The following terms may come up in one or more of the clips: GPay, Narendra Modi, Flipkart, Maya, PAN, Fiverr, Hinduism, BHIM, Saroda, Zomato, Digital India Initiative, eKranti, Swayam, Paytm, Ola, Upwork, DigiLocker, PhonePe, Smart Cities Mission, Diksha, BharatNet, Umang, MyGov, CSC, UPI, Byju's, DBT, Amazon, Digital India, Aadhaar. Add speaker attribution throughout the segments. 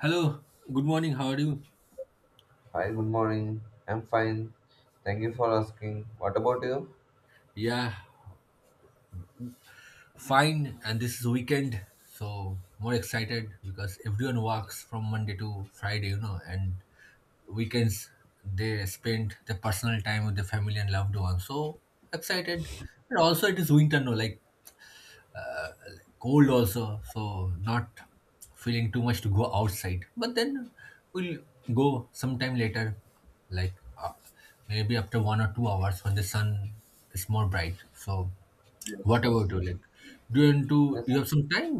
Speaker 1: Hello, good morning. How are you?
Speaker 2: Hi, good morning. I'm fine. Thank you for asking. What about you?
Speaker 1: Yeah, fine. And this is weekend, so more excited because everyone works from Monday to Friday, you know, and weekends they spend their personal time with their family and loved ones. So excited. And also, it is winter, no, uh, cold also, so not feeling too much to go outside. But then we'll go sometime later, like uh, maybe after 1 or 2 hours when the sun is more bright. So
Speaker 2: Yes,
Speaker 1: what
Speaker 2: yes.
Speaker 1: about you? Like, do you want to?
Speaker 2: Yes,
Speaker 1: You have some time,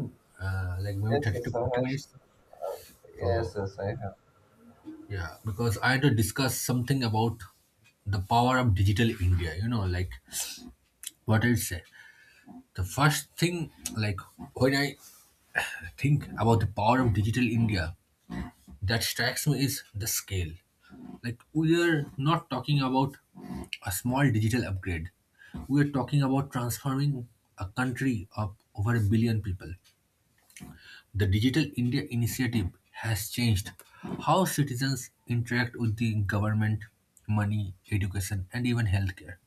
Speaker 1: like maybe
Speaker 2: yes,
Speaker 1: 30 to
Speaker 2: yes, I
Speaker 1: 40 minutes.
Speaker 2: have. Yes,
Speaker 1: So
Speaker 2: yes, I have.
Speaker 1: yeah, because I had to discuss something about the power of digital India. You know, like what I say. The first thing, like when I think about the power of digital India, that strikes me is the scale. Like we are not talking about a small digital upgrade. We are talking about transforming a country of over a billion people. The Digital India Initiative has changed how citizens interact with the government, money, education, and even healthcare.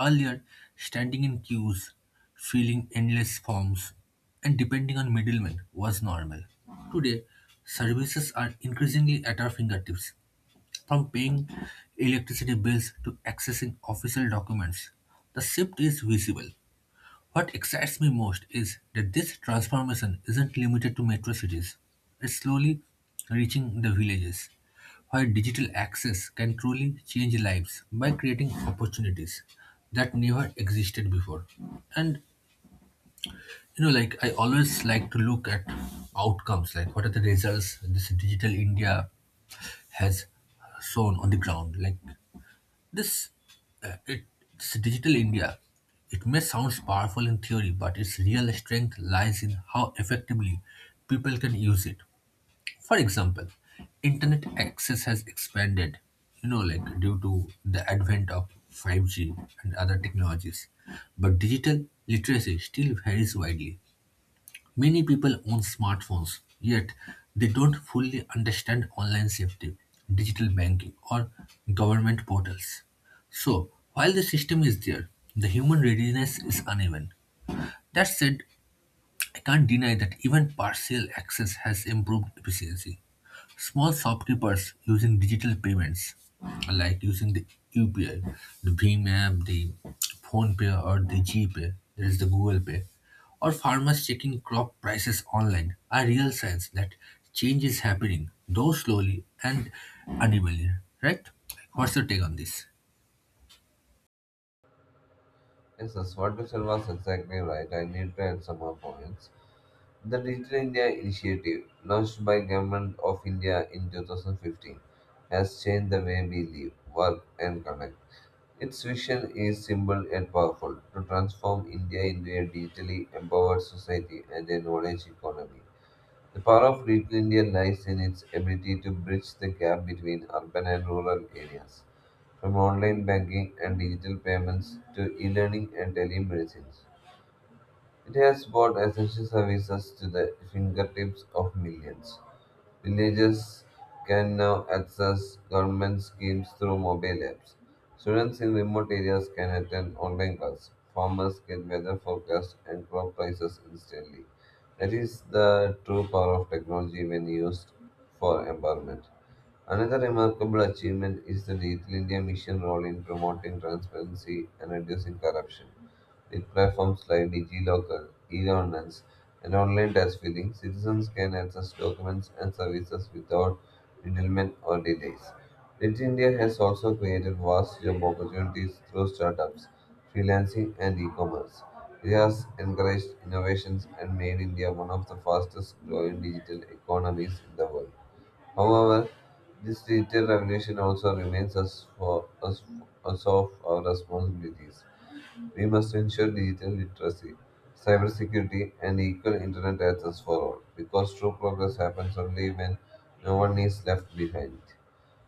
Speaker 1: Earlier, standing in queues, filling endless forms, and depending on middlemen was normal. Today, services are increasingly at our fingertips. From paying electricity bills to accessing official documents, the shift is visible. What excites me most is that this transformation isn't limited to metro cities. It's slowly reaching the villages, where digital access can truly change lives by creating opportunities that never existed before. And you know, like I always like to look at outcomes, like what are the results this digital India has shown on the ground. This, uh, it, this digital India, it may sound powerful in theory, but its real strength lies in how effectively people can use it. For example, internet access has expanded, you know, like due to the advent of 5G and other technologies, but digital literacy still varies widely. Many people own smartphones, yet they don't fully understand online safety, digital banking, or government portals. So, while the system is there, the human readiness is uneven. That said, I can't deny that even partial access has improved efficiency. Small shopkeepers using digital payments, like using the UPI, the Beam app, the PhonePe, or the GPay, there is the Google Pay, or farmers checking crop prices online are real signs that change is happening, though slowly and unevenly. Right? What's your take on this?
Speaker 2: Yes, yes, what you said was exactly right. I need to add some more points. The Digital India Initiative, launched by Government of India in 2015, has changed the way we live, work, and connect. Its vision is simple and powerful to transform India into a digitally empowered society and a knowledge economy. The power of Little India lies in its ability to bridge the gap between urban and rural areas, from online banking and digital payments to e learning and telemedicine. It has brought essential services to the fingertips of millions. Villagers can now access government schemes through mobile apps. Students in remote areas can attend online classes. Farmers get weather forecasts and crop prices instantly. That is the true power of technology when used for empowerment. Another remarkable achievement is the Digital India Mission role in promoting transparency and reducing corruption. With platforms like DigiLocker, e-governance, and online tax filing, citizens can access documents and services without middlemen or delays. Digital India has also created vast job opportunities through startups, freelancing, and e-commerce. It has encouraged innovations and made India one of the fastest growing digital economies in the world. However, this digital revolution also reminds us of our responsibilities. We must ensure digital literacy, cybersecurity, and equal internet access for all, because true progress happens only when no one is left behind.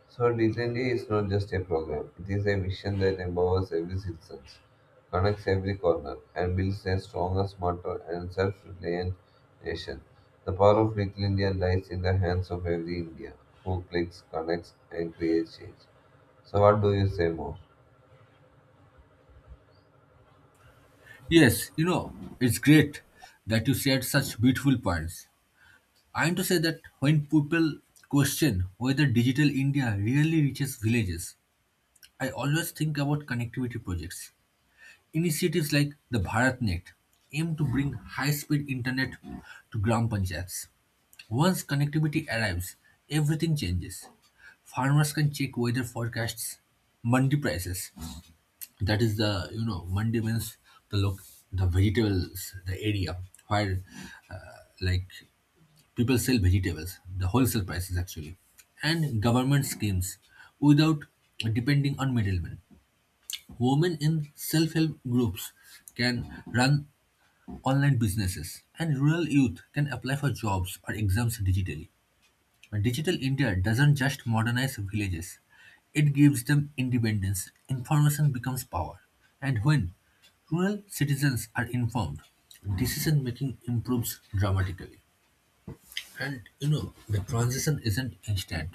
Speaker 2: So, Decent is not just a program, it is a vision that empowers every citizen, connects every corner, and builds a stronger, smarter, and self reliant nation. The power of Little India lies in the hands of every Indian who clicks, connects, and creates change. So, what do you say more?
Speaker 1: Yes, you know, it's great that you shared such beautiful points. I am to say that when people question whether digital India really reaches villages, I always think about connectivity projects. Initiatives like the BharatNet aim to bring high speed internet to gram panchayats. Once connectivity arrives, everything changes. Farmers can check weather forecasts, mandi prices. That is the you know mandi means the look the vegetables the area where like people sell vegetables the wholesale prices actually and government schemes without depending on middlemen. Women in self-help groups can run online businesses, and rural youth can apply for jobs or exams digitally. Digital India doesn't just modernize villages, it gives them independence. Information becomes power. And when rural citizens are informed, decision making improves dramatically. And you know, the transition isn't instant.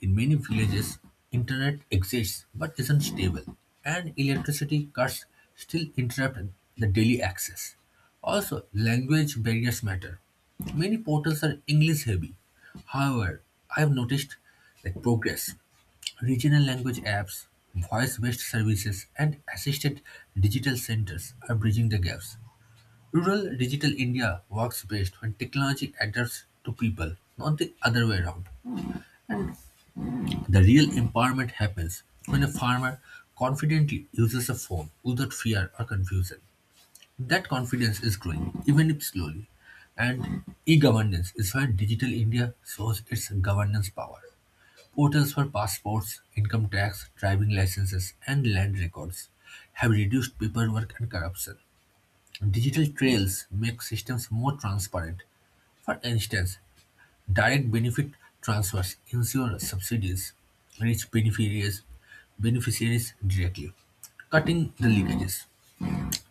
Speaker 1: In many villages, internet exists but isn't stable, and electricity cuts still interrupt the daily access. Also, language barriers matter. Many portals are English heavy. However, I have noticed like progress. Regional language apps, voice-based services, and assisted digital centers are bridging the gaps. Rural digital India works best when technology adapts to people, not the other way around. The real empowerment happens when a farmer confidently uses a phone without fear or confusion. That confidence is growing, even if slowly. And e governance is where Digital India shows its governance power. Portals for passports, income tax, driving licenses, and land records have reduced paperwork and corruption. Digital trails make systems more transparent. For instance, direct benefit transfers ensure subsidies reach beneficiaries directly, cutting the leakages.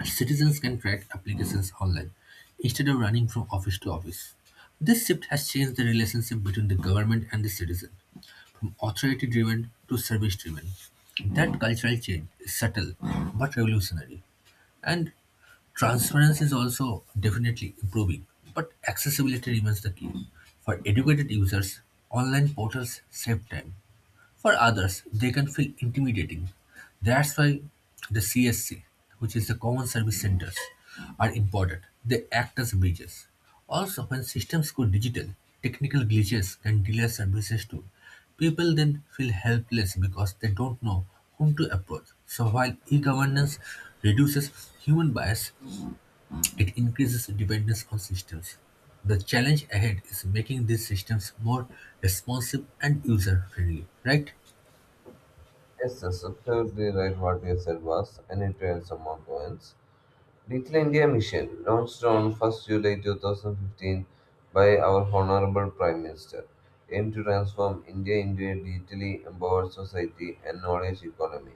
Speaker 1: Citizens can track applications online instead of running from office to office. This shift has changed the relationship between the government and the citizen, from authority driven to service driven. That cultural change is subtle but revolutionary, and transparency is also definitely improving, but accessibility remains the key. For educated users, online portals save time. For others, they can feel intimidating. That's why the CSC, which is the Common Service Centers, are important. They act as bridges. Also, when systems go digital, technical glitches can delay services too. People then feel helpless because they don't know whom to approach. So while e-governance reduces human bias, it increases dependence on systems. The challenge ahead is making these systems more responsive and user-friendly, right?
Speaker 2: Yes, that's absolutely right what you said was, I need to add some more points. Little India Mission, launched on 1st July 2015 by our Honorable Prime Minister, aimed to transform India into a digitally empowered society and knowledge economy.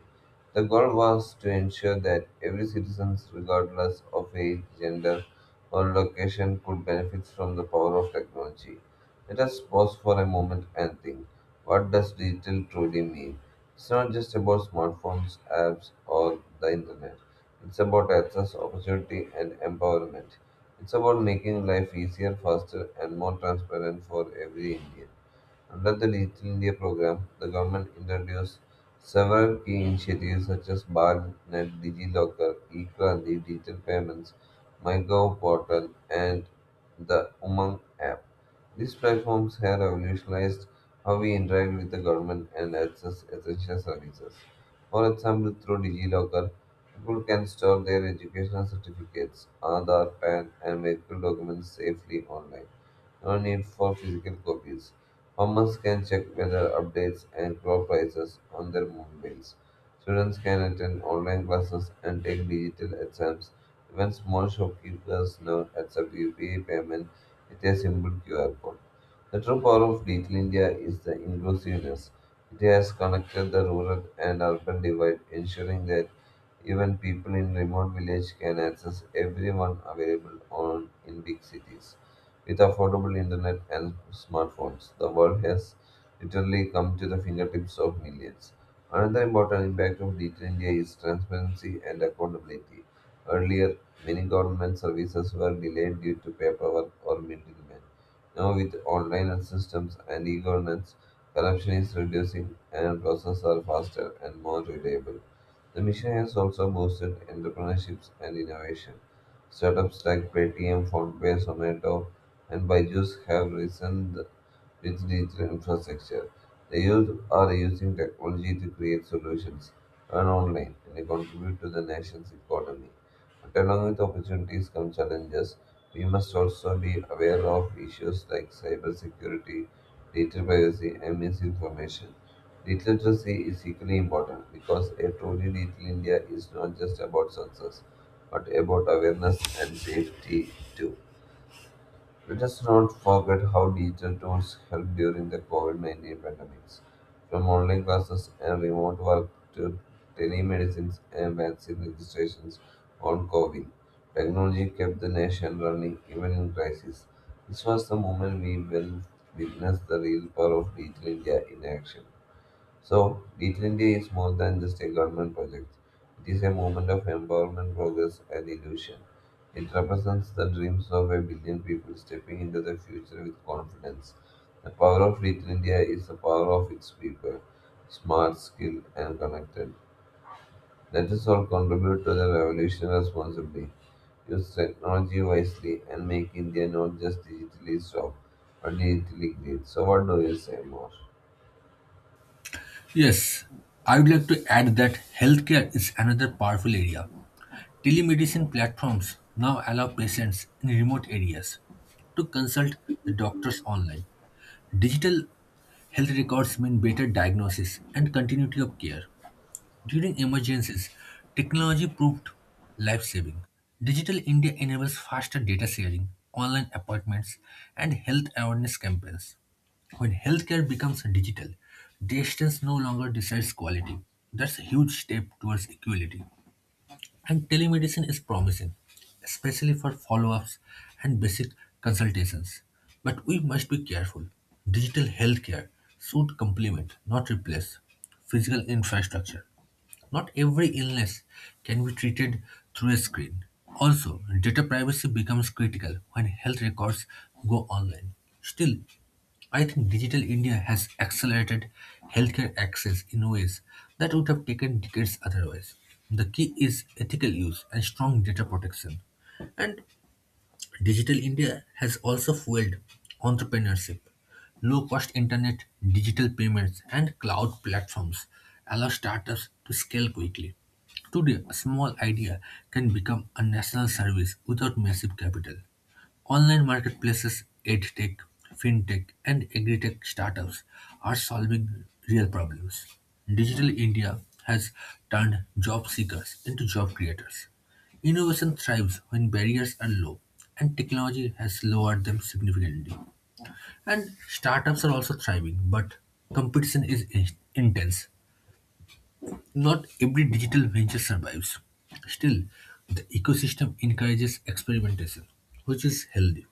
Speaker 2: The goal was to ensure that every citizen, regardless of age, gender, or location, could benefit from the power of technology. Let us pause for a moment and think. What does digital truly mean? It's not just about smartphones, apps, or the internet. It's about access, opportunity, and empowerment. It's about making life easier, faster, and more transparent for every Indian. Under the Digital India program, the government introduced several key initiatives such as BharatNet, DigiLocker, eKranti, digital payments, MyGov portal, and the Umang app. These platforms have revolutionized how we interact with the government and access essential services. For example, through DigiLocker, people can store their educational certificates, Aadhaar, PAN, and medical documents safely online. No need for physical copies. Farmers can check weather updates and crop prices on their mobiles. Students can attend online classes and take digital exams. Even small shopkeepers now accept UPI payment with a simple QR code. The true power of Digital India is the inclusiveness. It has connected the rural and urban divide, ensuring that even people in remote villages can access everyone available on in big cities. With affordable internet and smartphones, the world has literally come to the fingertips of millions. Another important impact of Digital India is transparency and accountability. Earlier, many government services were delayed due to paperwork or middlemen. Now, with online systems and e governance, corruption is reducing and processes are faster and more reliable. The mission has also boosted entrepreneurships and innovation. Startups like Paytm, PhonePe, Zomato, and Byju's have risen with digital infrastructure. The youth are using technology to create solutions, earn online, and contribute to the nation's economy. But along with opportunities come challenges. We must also be aware of issues like cybersecurity, data privacy, and misinformation. Digital literacy is equally important because a truly digital India is not just about success, but about awareness and safety too. Let us not forget how digital tools helped during the COVID 19 pandemics. From online classes and remote work to telemedicines and vaccine registrations on COVID, technology kept the nation running even in crisis. This was the moment we will witness the real power of digital India in action. So, Little India is more than just a government project. It is a movement of empowerment, progress, and illusion. It represents the dreams of a billion people stepping into the future with confidence. The power of Little India is the power of its people, smart, skilled, and connected. Let us all contribute to the revolution responsibly, use technology wisely, and make India not just digitally strong, but digitally great. So, what do you say more?
Speaker 1: Yes, I would like to add that healthcare is another powerful area. Telemedicine platforms now allow patients in remote areas to consult the doctors online. Digital health records mean better diagnosis and continuity of care. During emergencies, technology proved life saving. Digital India enables faster data sharing, online appointments, and health awareness campaigns. When healthcare becomes digital, distance no longer decides quality. That's a huge step towards equality. And telemedicine is promising, especially for follow ups and basic consultations. But we must be careful. Digital healthcare should complement, not replace, physical infrastructure. Not every illness can be treated through a screen. Also, data privacy becomes critical when health records go online. Still, I think digital India has accelerated healthcare access in ways that would have taken decades otherwise. The key is ethical use and strong data protection. And Digital India has also fueled entrepreneurship. Low-cost internet, digital payments, and cloud platforms allow startups to scale quickly. Today, a small idea can become a national service without massive capital. Online marketplaces, edtech, fintech, and agritech startups are solving real problems. Digital India has turned job seekers into job creators. Innovation thrives when barriers are low, and technology has lowered them significantly. And startups are also thriving, but competition is in- intense. Not every digital venture survives. Still, the ecosystem encourages experimentation, which is healthy.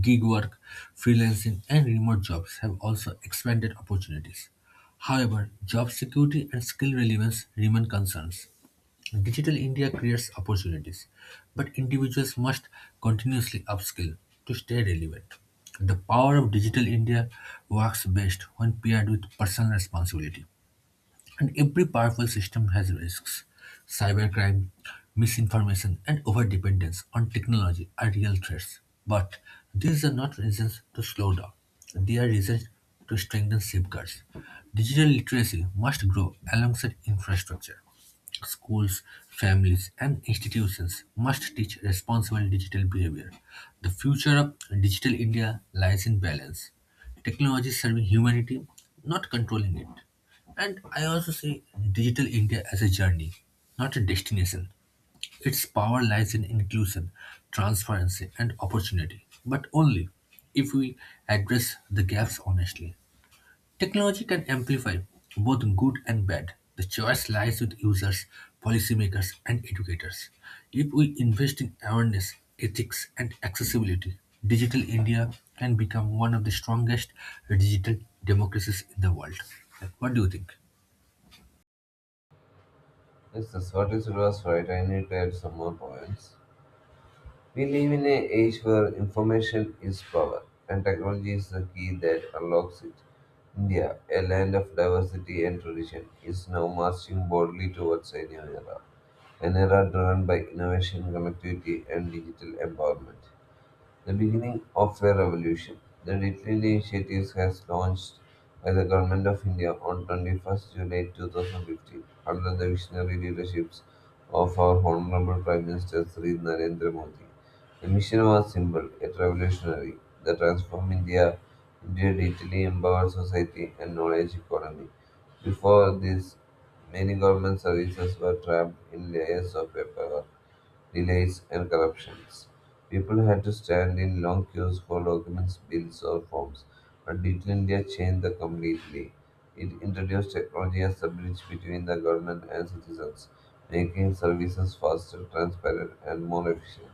Speaker 1: Gig work, freelancing, and remote jobs have also expanded opportunities. However, job security and skill relevance remain concerns. Digital India creates opportunities, but individuals must continuously upskill to stay relevant. The power of Digital India works best when paired with personal responsibility. And every powerful system has risks. Cybercrime, misinformation, and overdependence on technology are real threats. But these are not reasons to slow down. They are reasons to strengthen safeguards. Digital literacy must grow alongside infrastructure. Schools, families, and institutions must teach responsible digital behavior. The future of digital India lies in balance. Technology serving humanity, not controlling it. And I also see Digital India as a journey, not a destination. Its power lies in inclusion, transparency, and opportunity, but only if we address the gaps honestly. Technology can amplify both good and bad. The choice lies with users, policymakers, and educators. If we invest in awareness, ethics, and accessibility, Digital India can become one of the strongest digital democracies in the world. What do you think?
Speaker 2: Yes, that's what is was right. I need to add some more points. We live in an age where information is power, and technology is the key that unlocks it. India, a land of diversity and tradition, is now marching boldly towards a new era, an era driven by innovation, connectivity, and digital empowerment. The beginning of the revolution. The detailed initiatives has launched by the Government of India on 21st July 2015 under the visionary leaderships of our Honorable Prime Minister Sri Narendra Modi. The mission was simple yet revolutionary the transform India into a digitally empowered society and knowledge economy. Before this, many government services were trapped in layers of paperwork delays, and corruptions. People had to stand in long queues for documents, bills, or forms. But Digital India changed that completely. It introduced technology as the bridge between the government and citizens, making services faster, transparent, and more efficient.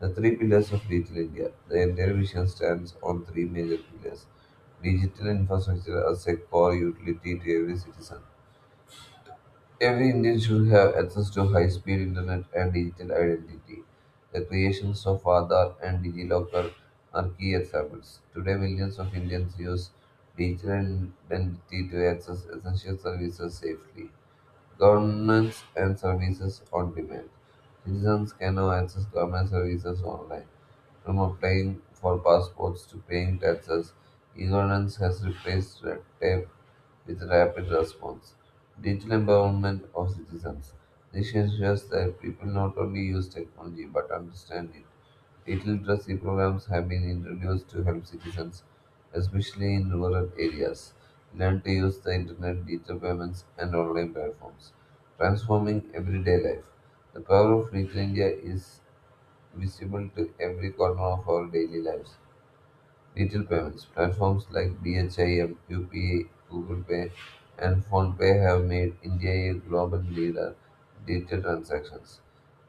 Speaker 2: The three pillars of Digital India. The entire vision stands on three major pillars. Digital infrastructure as a core utility to every citizen. Every Indian should have access to high speed internet and digital identity. The creations of Aadhaar and DigiLocker are key examples. Today, millions of Indians use digital identity to access essential services safely. Governments and services on demand. Citizens can now access government services online. From applying for passports to paying taxes, e-governance has replaced red tape with rapid response. Digital empowerment of citizens. This ensures that people not only use technology but understand it. Literacy programs have been introduced to help citizens, especially in rural areas, learn to use the internet, digital payments, and online platforms, transforming everyday life. The power of Little India is visible to every corner of our daily lives. Digital payments platforms like BHIM, UPI, Google Pay, and PhonePe have made India a global leader in digital transactions.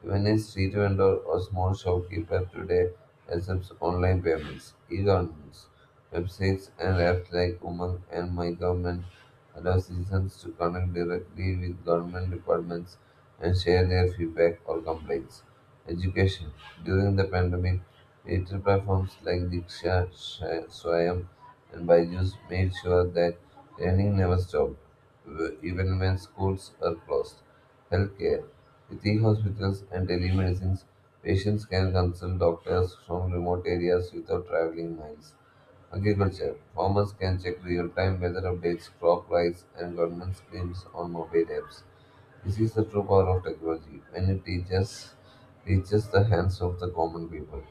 Speaker 2: Even a street vendor or small shopkeeper today accepts online payments. E-governments, websites, and apps like Umang and My Government allow citizens to connect directly with government departments and share their feedback or complaints. Education: during the pandemic, digital platforms like Diksha, Swayam, and Byju's made sure that learning never stopped, even when schools are closed. Healthcare: with e hospitals and telemedicines, patients can consult doctors from remote areas without traveling miles. Agriculture. Farmers can check real-time weather updates, crop price, and government schemes on mobile apps. This is the true power of technology when it reaches the hands of the common people.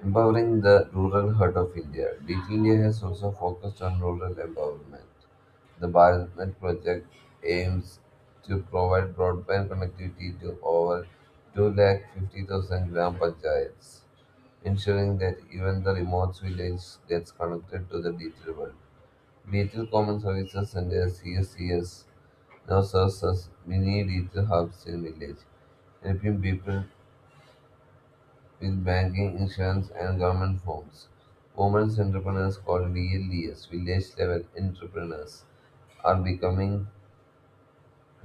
Speaker 2: Empowering the rural heart of India, Digital India has also focused on rural empowerment. The BharatNet project aims to provide broadband connectivity to over 2,50,000 gram panchayats, ensuring that even the remote village gets connected to the digital world. Digital Common Services Center (CSCS) now serves as mini little hubs in village, helping people with banking, insurance, and government forms. Women's entrepreneurs called VLDS, village level entrepreneurs, are becoming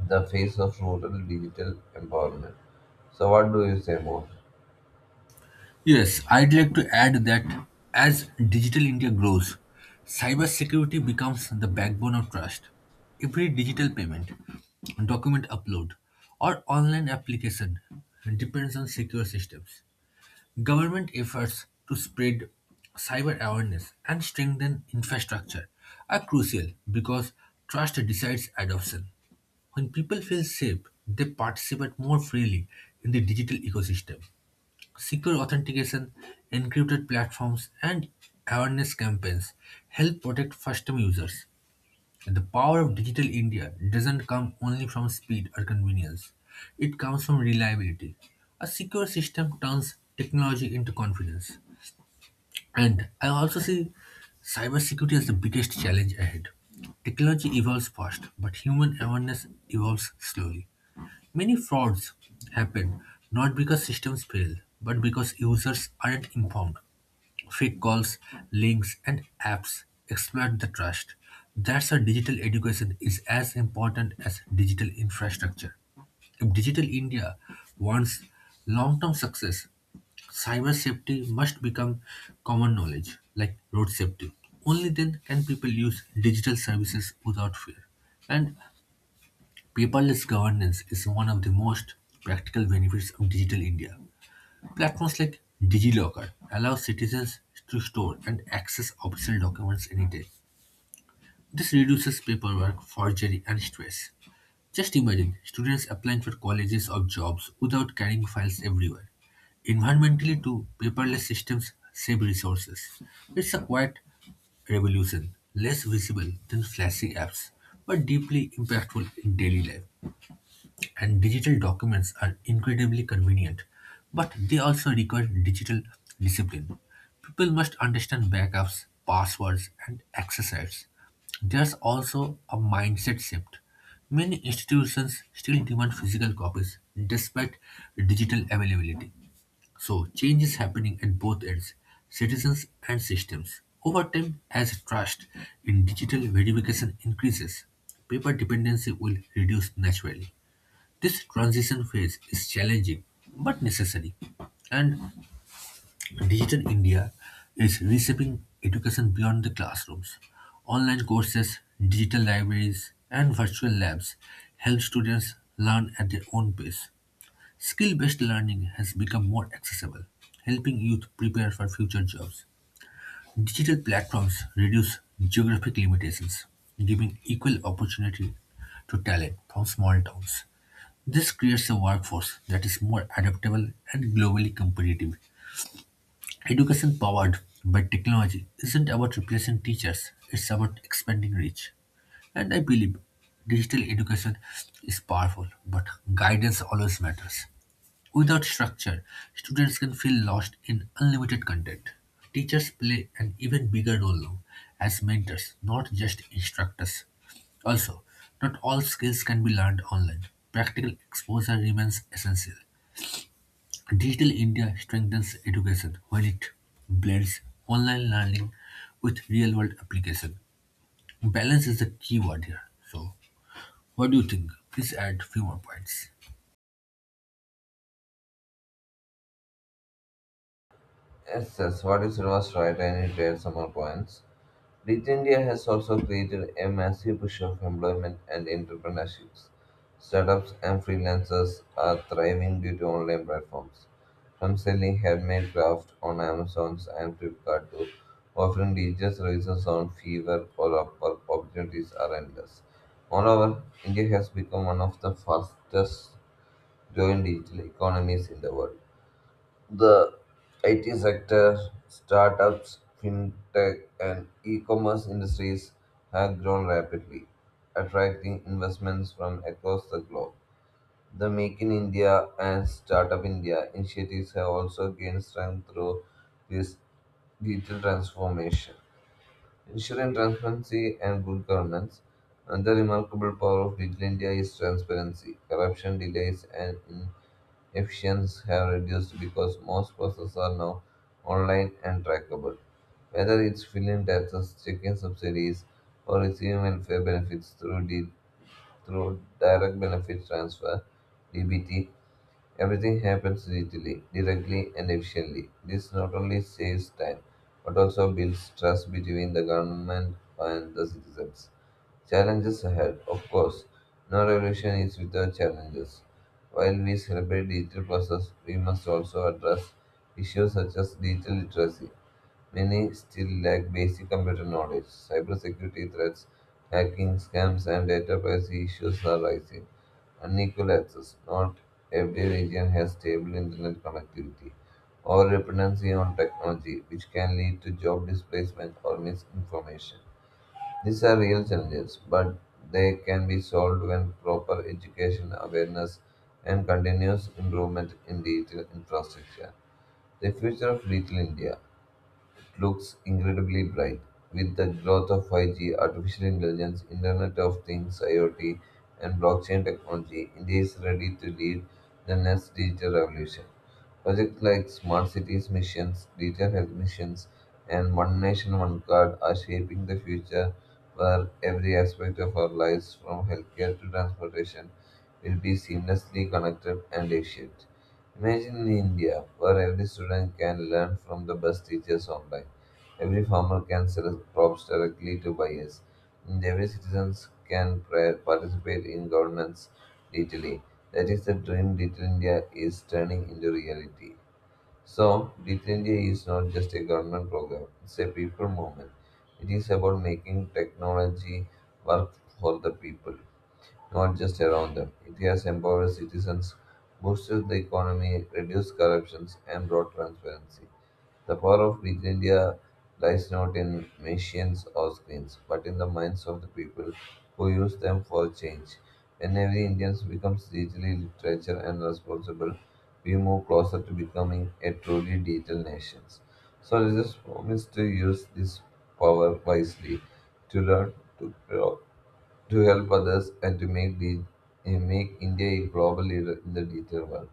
Speaker 2: the face of rural digital empowerment. So what do you say more?
Speaker 1: Yes, I'd like to add that as digital India grows, cybersecurity becomes the backbone of trust. Every digital payment, document upload, or online application depends on secure systems. Government efforts to spread cyber awareness and strengthen infrastructure are crucial because trust decides adoption. When people feel safe, they participate more freely in the digital ecosystem. Secure authentication, encrypted platforms, and awareness campaigns help protect first time users. The power of digital India doesn't come only from speed or convenience, it comes from reliability. A secure system turns technology into confidence. And I also see cybersecurity as the biggest challenge ahead. Technology evolves fast, but human awareness evolves slowly. Many frauds happen not because systems fail, but because users aren't informed. Fake calls, links, and apps exploit the trust. That's why digital education is as important as digital infrastructure. If Digital India wants long term success, cyber safety must become common knowledge, like road safety. Only then can people use digital services without fear. And paperless governance is one of the most practical benefits of digital India. Platforms like DigiLocker allow citizens to store and access official documents anytime. This reduces paperwork, forgery, and stress. Just imagine students applying for colleges or jobs without carrying files everywhere. Environmentally, too, paperless systems save resources. It's a quiet revolution, less visible than flashy apps, but deeply impactful in daily life. And digital documents are incredibly convenient, but they also require digital discipline. People must understand backups, passwords, and access rights. There's also a mindset shift. Many institutions still demand physical copies despite digital availability. So, change is happening at both ends, citizens and systems. Over time, as trust in digital verification increases, paper dependency will reduce naturally. This transition phase is challenging but necessary, and Digital India is reshaping education beyond the classrooms. Online courses, digital libraries, and virtual labs help students learn at their own pace. Skill based learning has become more accessible, helping youth prepare for future jobs. Digital platforms reduce geographic limitations, giving equal opportunity to talent from small towns. This creates a workforce that is more adaptable and globally competitive. Education powered by technology isn't about replacing teachers, it's about expanding reach. And I believe digital education is powerful, but guidance always matters. Without structure, students can feel lost in unlimited content. Teachers play an even bigger role now as mentors, not just instructors. Also, not all skills can be learned online. Practical exposure remains essential. Digital India strengthens education when it blends online learning with real world application. Balance is the key word here. So, what do you think? Please add few more points.
Speaker 2: Yes, yes, what you said was right. I need to add some more points. Digital India has also created a massive push of employment and entrepreneurships. Startups and freelancers are thriving due to online platforms, from selling handmade crafts on Amazon and Flipkart to offering digital services on Fiverr or Upwork. Opportunities are endless. Moreover, India has become one of the fastest growing digital economies in the world. The IT sector, startups, fintech, and e commerce industries have grown rapidly, attracting investments from across the globe. The Make in India and Startup India initiatives have also gained strength through this digital transformation. Ensuring transparency and good governance. Another remarkable power of Digital India is transparency. Corruption delays and efficiencies have reduced because most processes are now online and trackable. Whether it's filling taxes, checking subsidies, or receiving welfare benefits through direct benefit transfer (DBT), everything happens digitally, directly, and efficiently. This not only saves time, but also builds trust between the government and the citizens. Challenges ahead, of course. No revolution is without challenges. While we celebrate digital process, we must also address issues such as digital literacy. Many still lack basic computer knowledge. Cybersecurity threats, hacking scams, and data privacy issues are rising. Unequal access. Not every region has stable internet connectivity. Or dependency on technology, which can lead to job displacement or misinformation. These are real challenges, but they can be solved when proper education, awareness, and continuous improvement in digital infrastructure. The future of digital India looks incredibly bright. With the growth of 5G, artificial intelligence, Internet of Things, IoT, and blockchain technology, India is ready to lead the next digital revolution. Projects like smart cities missions, digital health missions, and One Nation One Card are shaping the future where every aspect of our lives, from healthcare to transportation, will be seamlessly connected and efficient. Imagine in India, where every student can learn from the best teachers online. Every farmer can select crops directly to buyers, and every citizen can participate in government's digitally. That is the dream Digital India is turning into reality. So, Digital India is not just a government program, it's a people movement. It is about making technology work for the people, not just around them. It has empowered citizens, boosted the economy, reduced corruption, and brought transparency. The power of Digital India lies not in machines or screens, but in the minds of the people who use them for change. When every Indian becomes digitally literate and responsible, we move closer to becoming a truly digital nation. So let us promise to use this power wisely, to learn, to grow, to help others, and to make India a global leader in the digital world.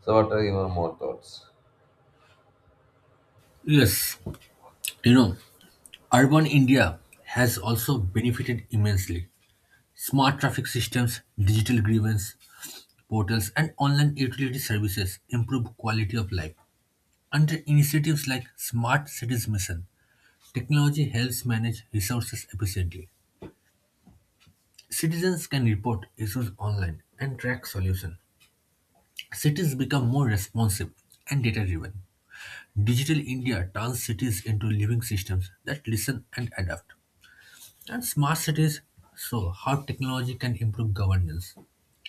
Speaker 2: So, what are your more thoughts?
Speaker 1: Yes, you know, urban India has also benefited immensely. Smart traffic systems, digital grievance portals, and online utility services improve quality of life. Under initiatives like Smart Cities Mission, technology helps manage resources efficiently. Citizens can report issues online and track solution. Cities become more responsive and data-driven. Digital India turns cities into living systems that listen and adapt. And smart cities show how technology can improve governance.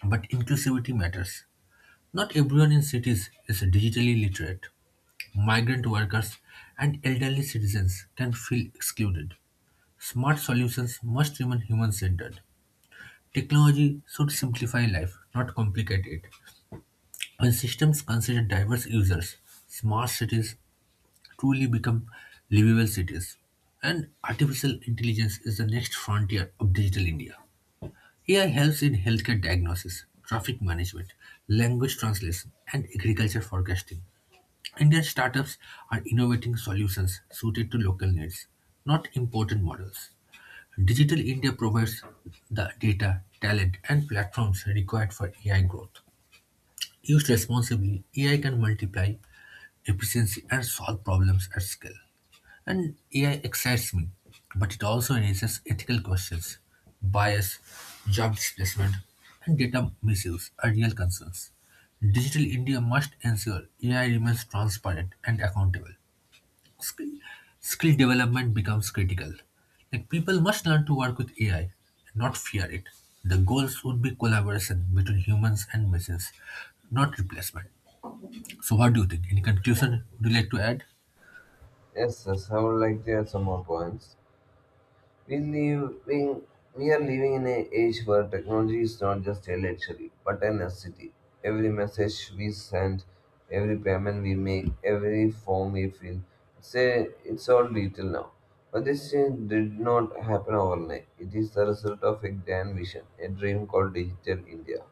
Speaker 1: But inclusivity matters. Not everyone in cities is digitally literate. Migrant workers and elderly citizens can feel excluded. Smart solutions must remain human-centered. Technology should simplify life, not complicate it. When systems consider diverse users, smart cities truly become livable cities. And artificial intelligence is the next frontier of digital India. AI helps in healthcare diagnosis, traffic management, language translation, and agriculture forecasting. Indian startups are innovating solutions suited to local needs, not imported models. Digital India provides the data, talent, and platforms required for AI growth. Used responsibly, AI can multiply efficiency and solve problems at scale. And AI excites me, but it also raises ethical questions. Bias, job displacement, and data misuse are real concerns. Digital India must ensure AI remains transparent and accountable. Skill, skill development becomes critical. Like people must learn to work with AI and not fear it. The goals would be collaboration between humans and machines, not replacement. So, what do you think? Any conclusion would you like to add?
Speaker 2: Yes, yes, I would like to add some more points. We living, we are living in an age where technology is not just a luxury but a necessity. Every message we send, every payment we make, every form we fill, it's all digital now. But this change did not happen overnight. It is the result of a grand vision, a dream called Digital India,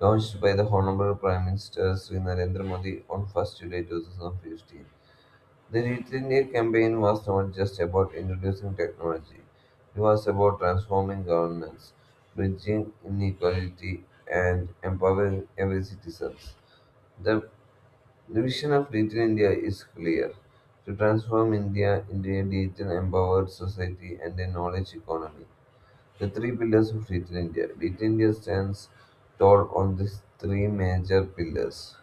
Speaker 2: launched by the Honourable Prime Minister Sri Narendra Modi on 1st July 2015. The Digital India campaign was not just about introducing technology, it was about transforming governance, bridging inequality, and empowering every citizen. The the vision of Digital India is clear: to transform India into a digital empowered society and a knowledge economy. The three pillars of Digital India: Digital India stands tall on these three major pillars.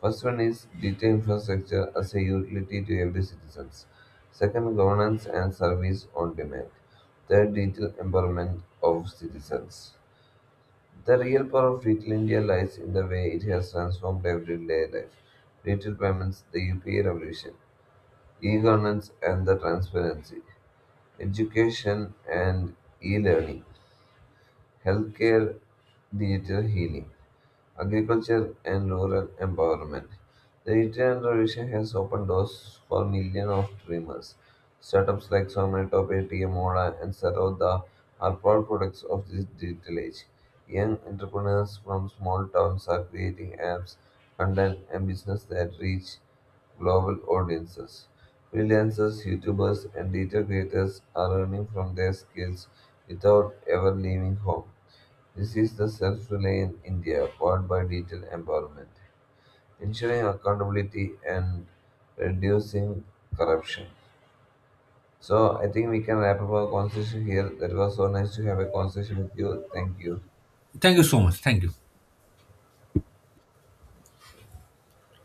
Speaker 2: First one is digital infrastructure as a utility to every citizen. Second, governance and service on demand. Third, digital empowerment of citizens. The real power of Digital India lies in the way it has transformed everyday life. Digital payments, the UPI revolution, e-governance and the transparency, education and e-learning, healthcare, digital healing, agriculture, and rural empowerment. The Indian revolution has opened doors for millions of dreamers. Startups like Zomato, Paytm, Ola, and Saroda are proud products of this digital age. Young entrepreneurs from small towns are creating apps, content, and business that reach global audiences. Freelancers, YouTubers, and digital creators are earning from their skills without ever leaving home. This is the self reliant India powered by digital empowerment, ensuring accountability and reducing corruption. So, I think we can wrap up our conversation here. That was so nice to have a conversation with you. Thank you.
Speaker 1: Thank you so much. Thank you.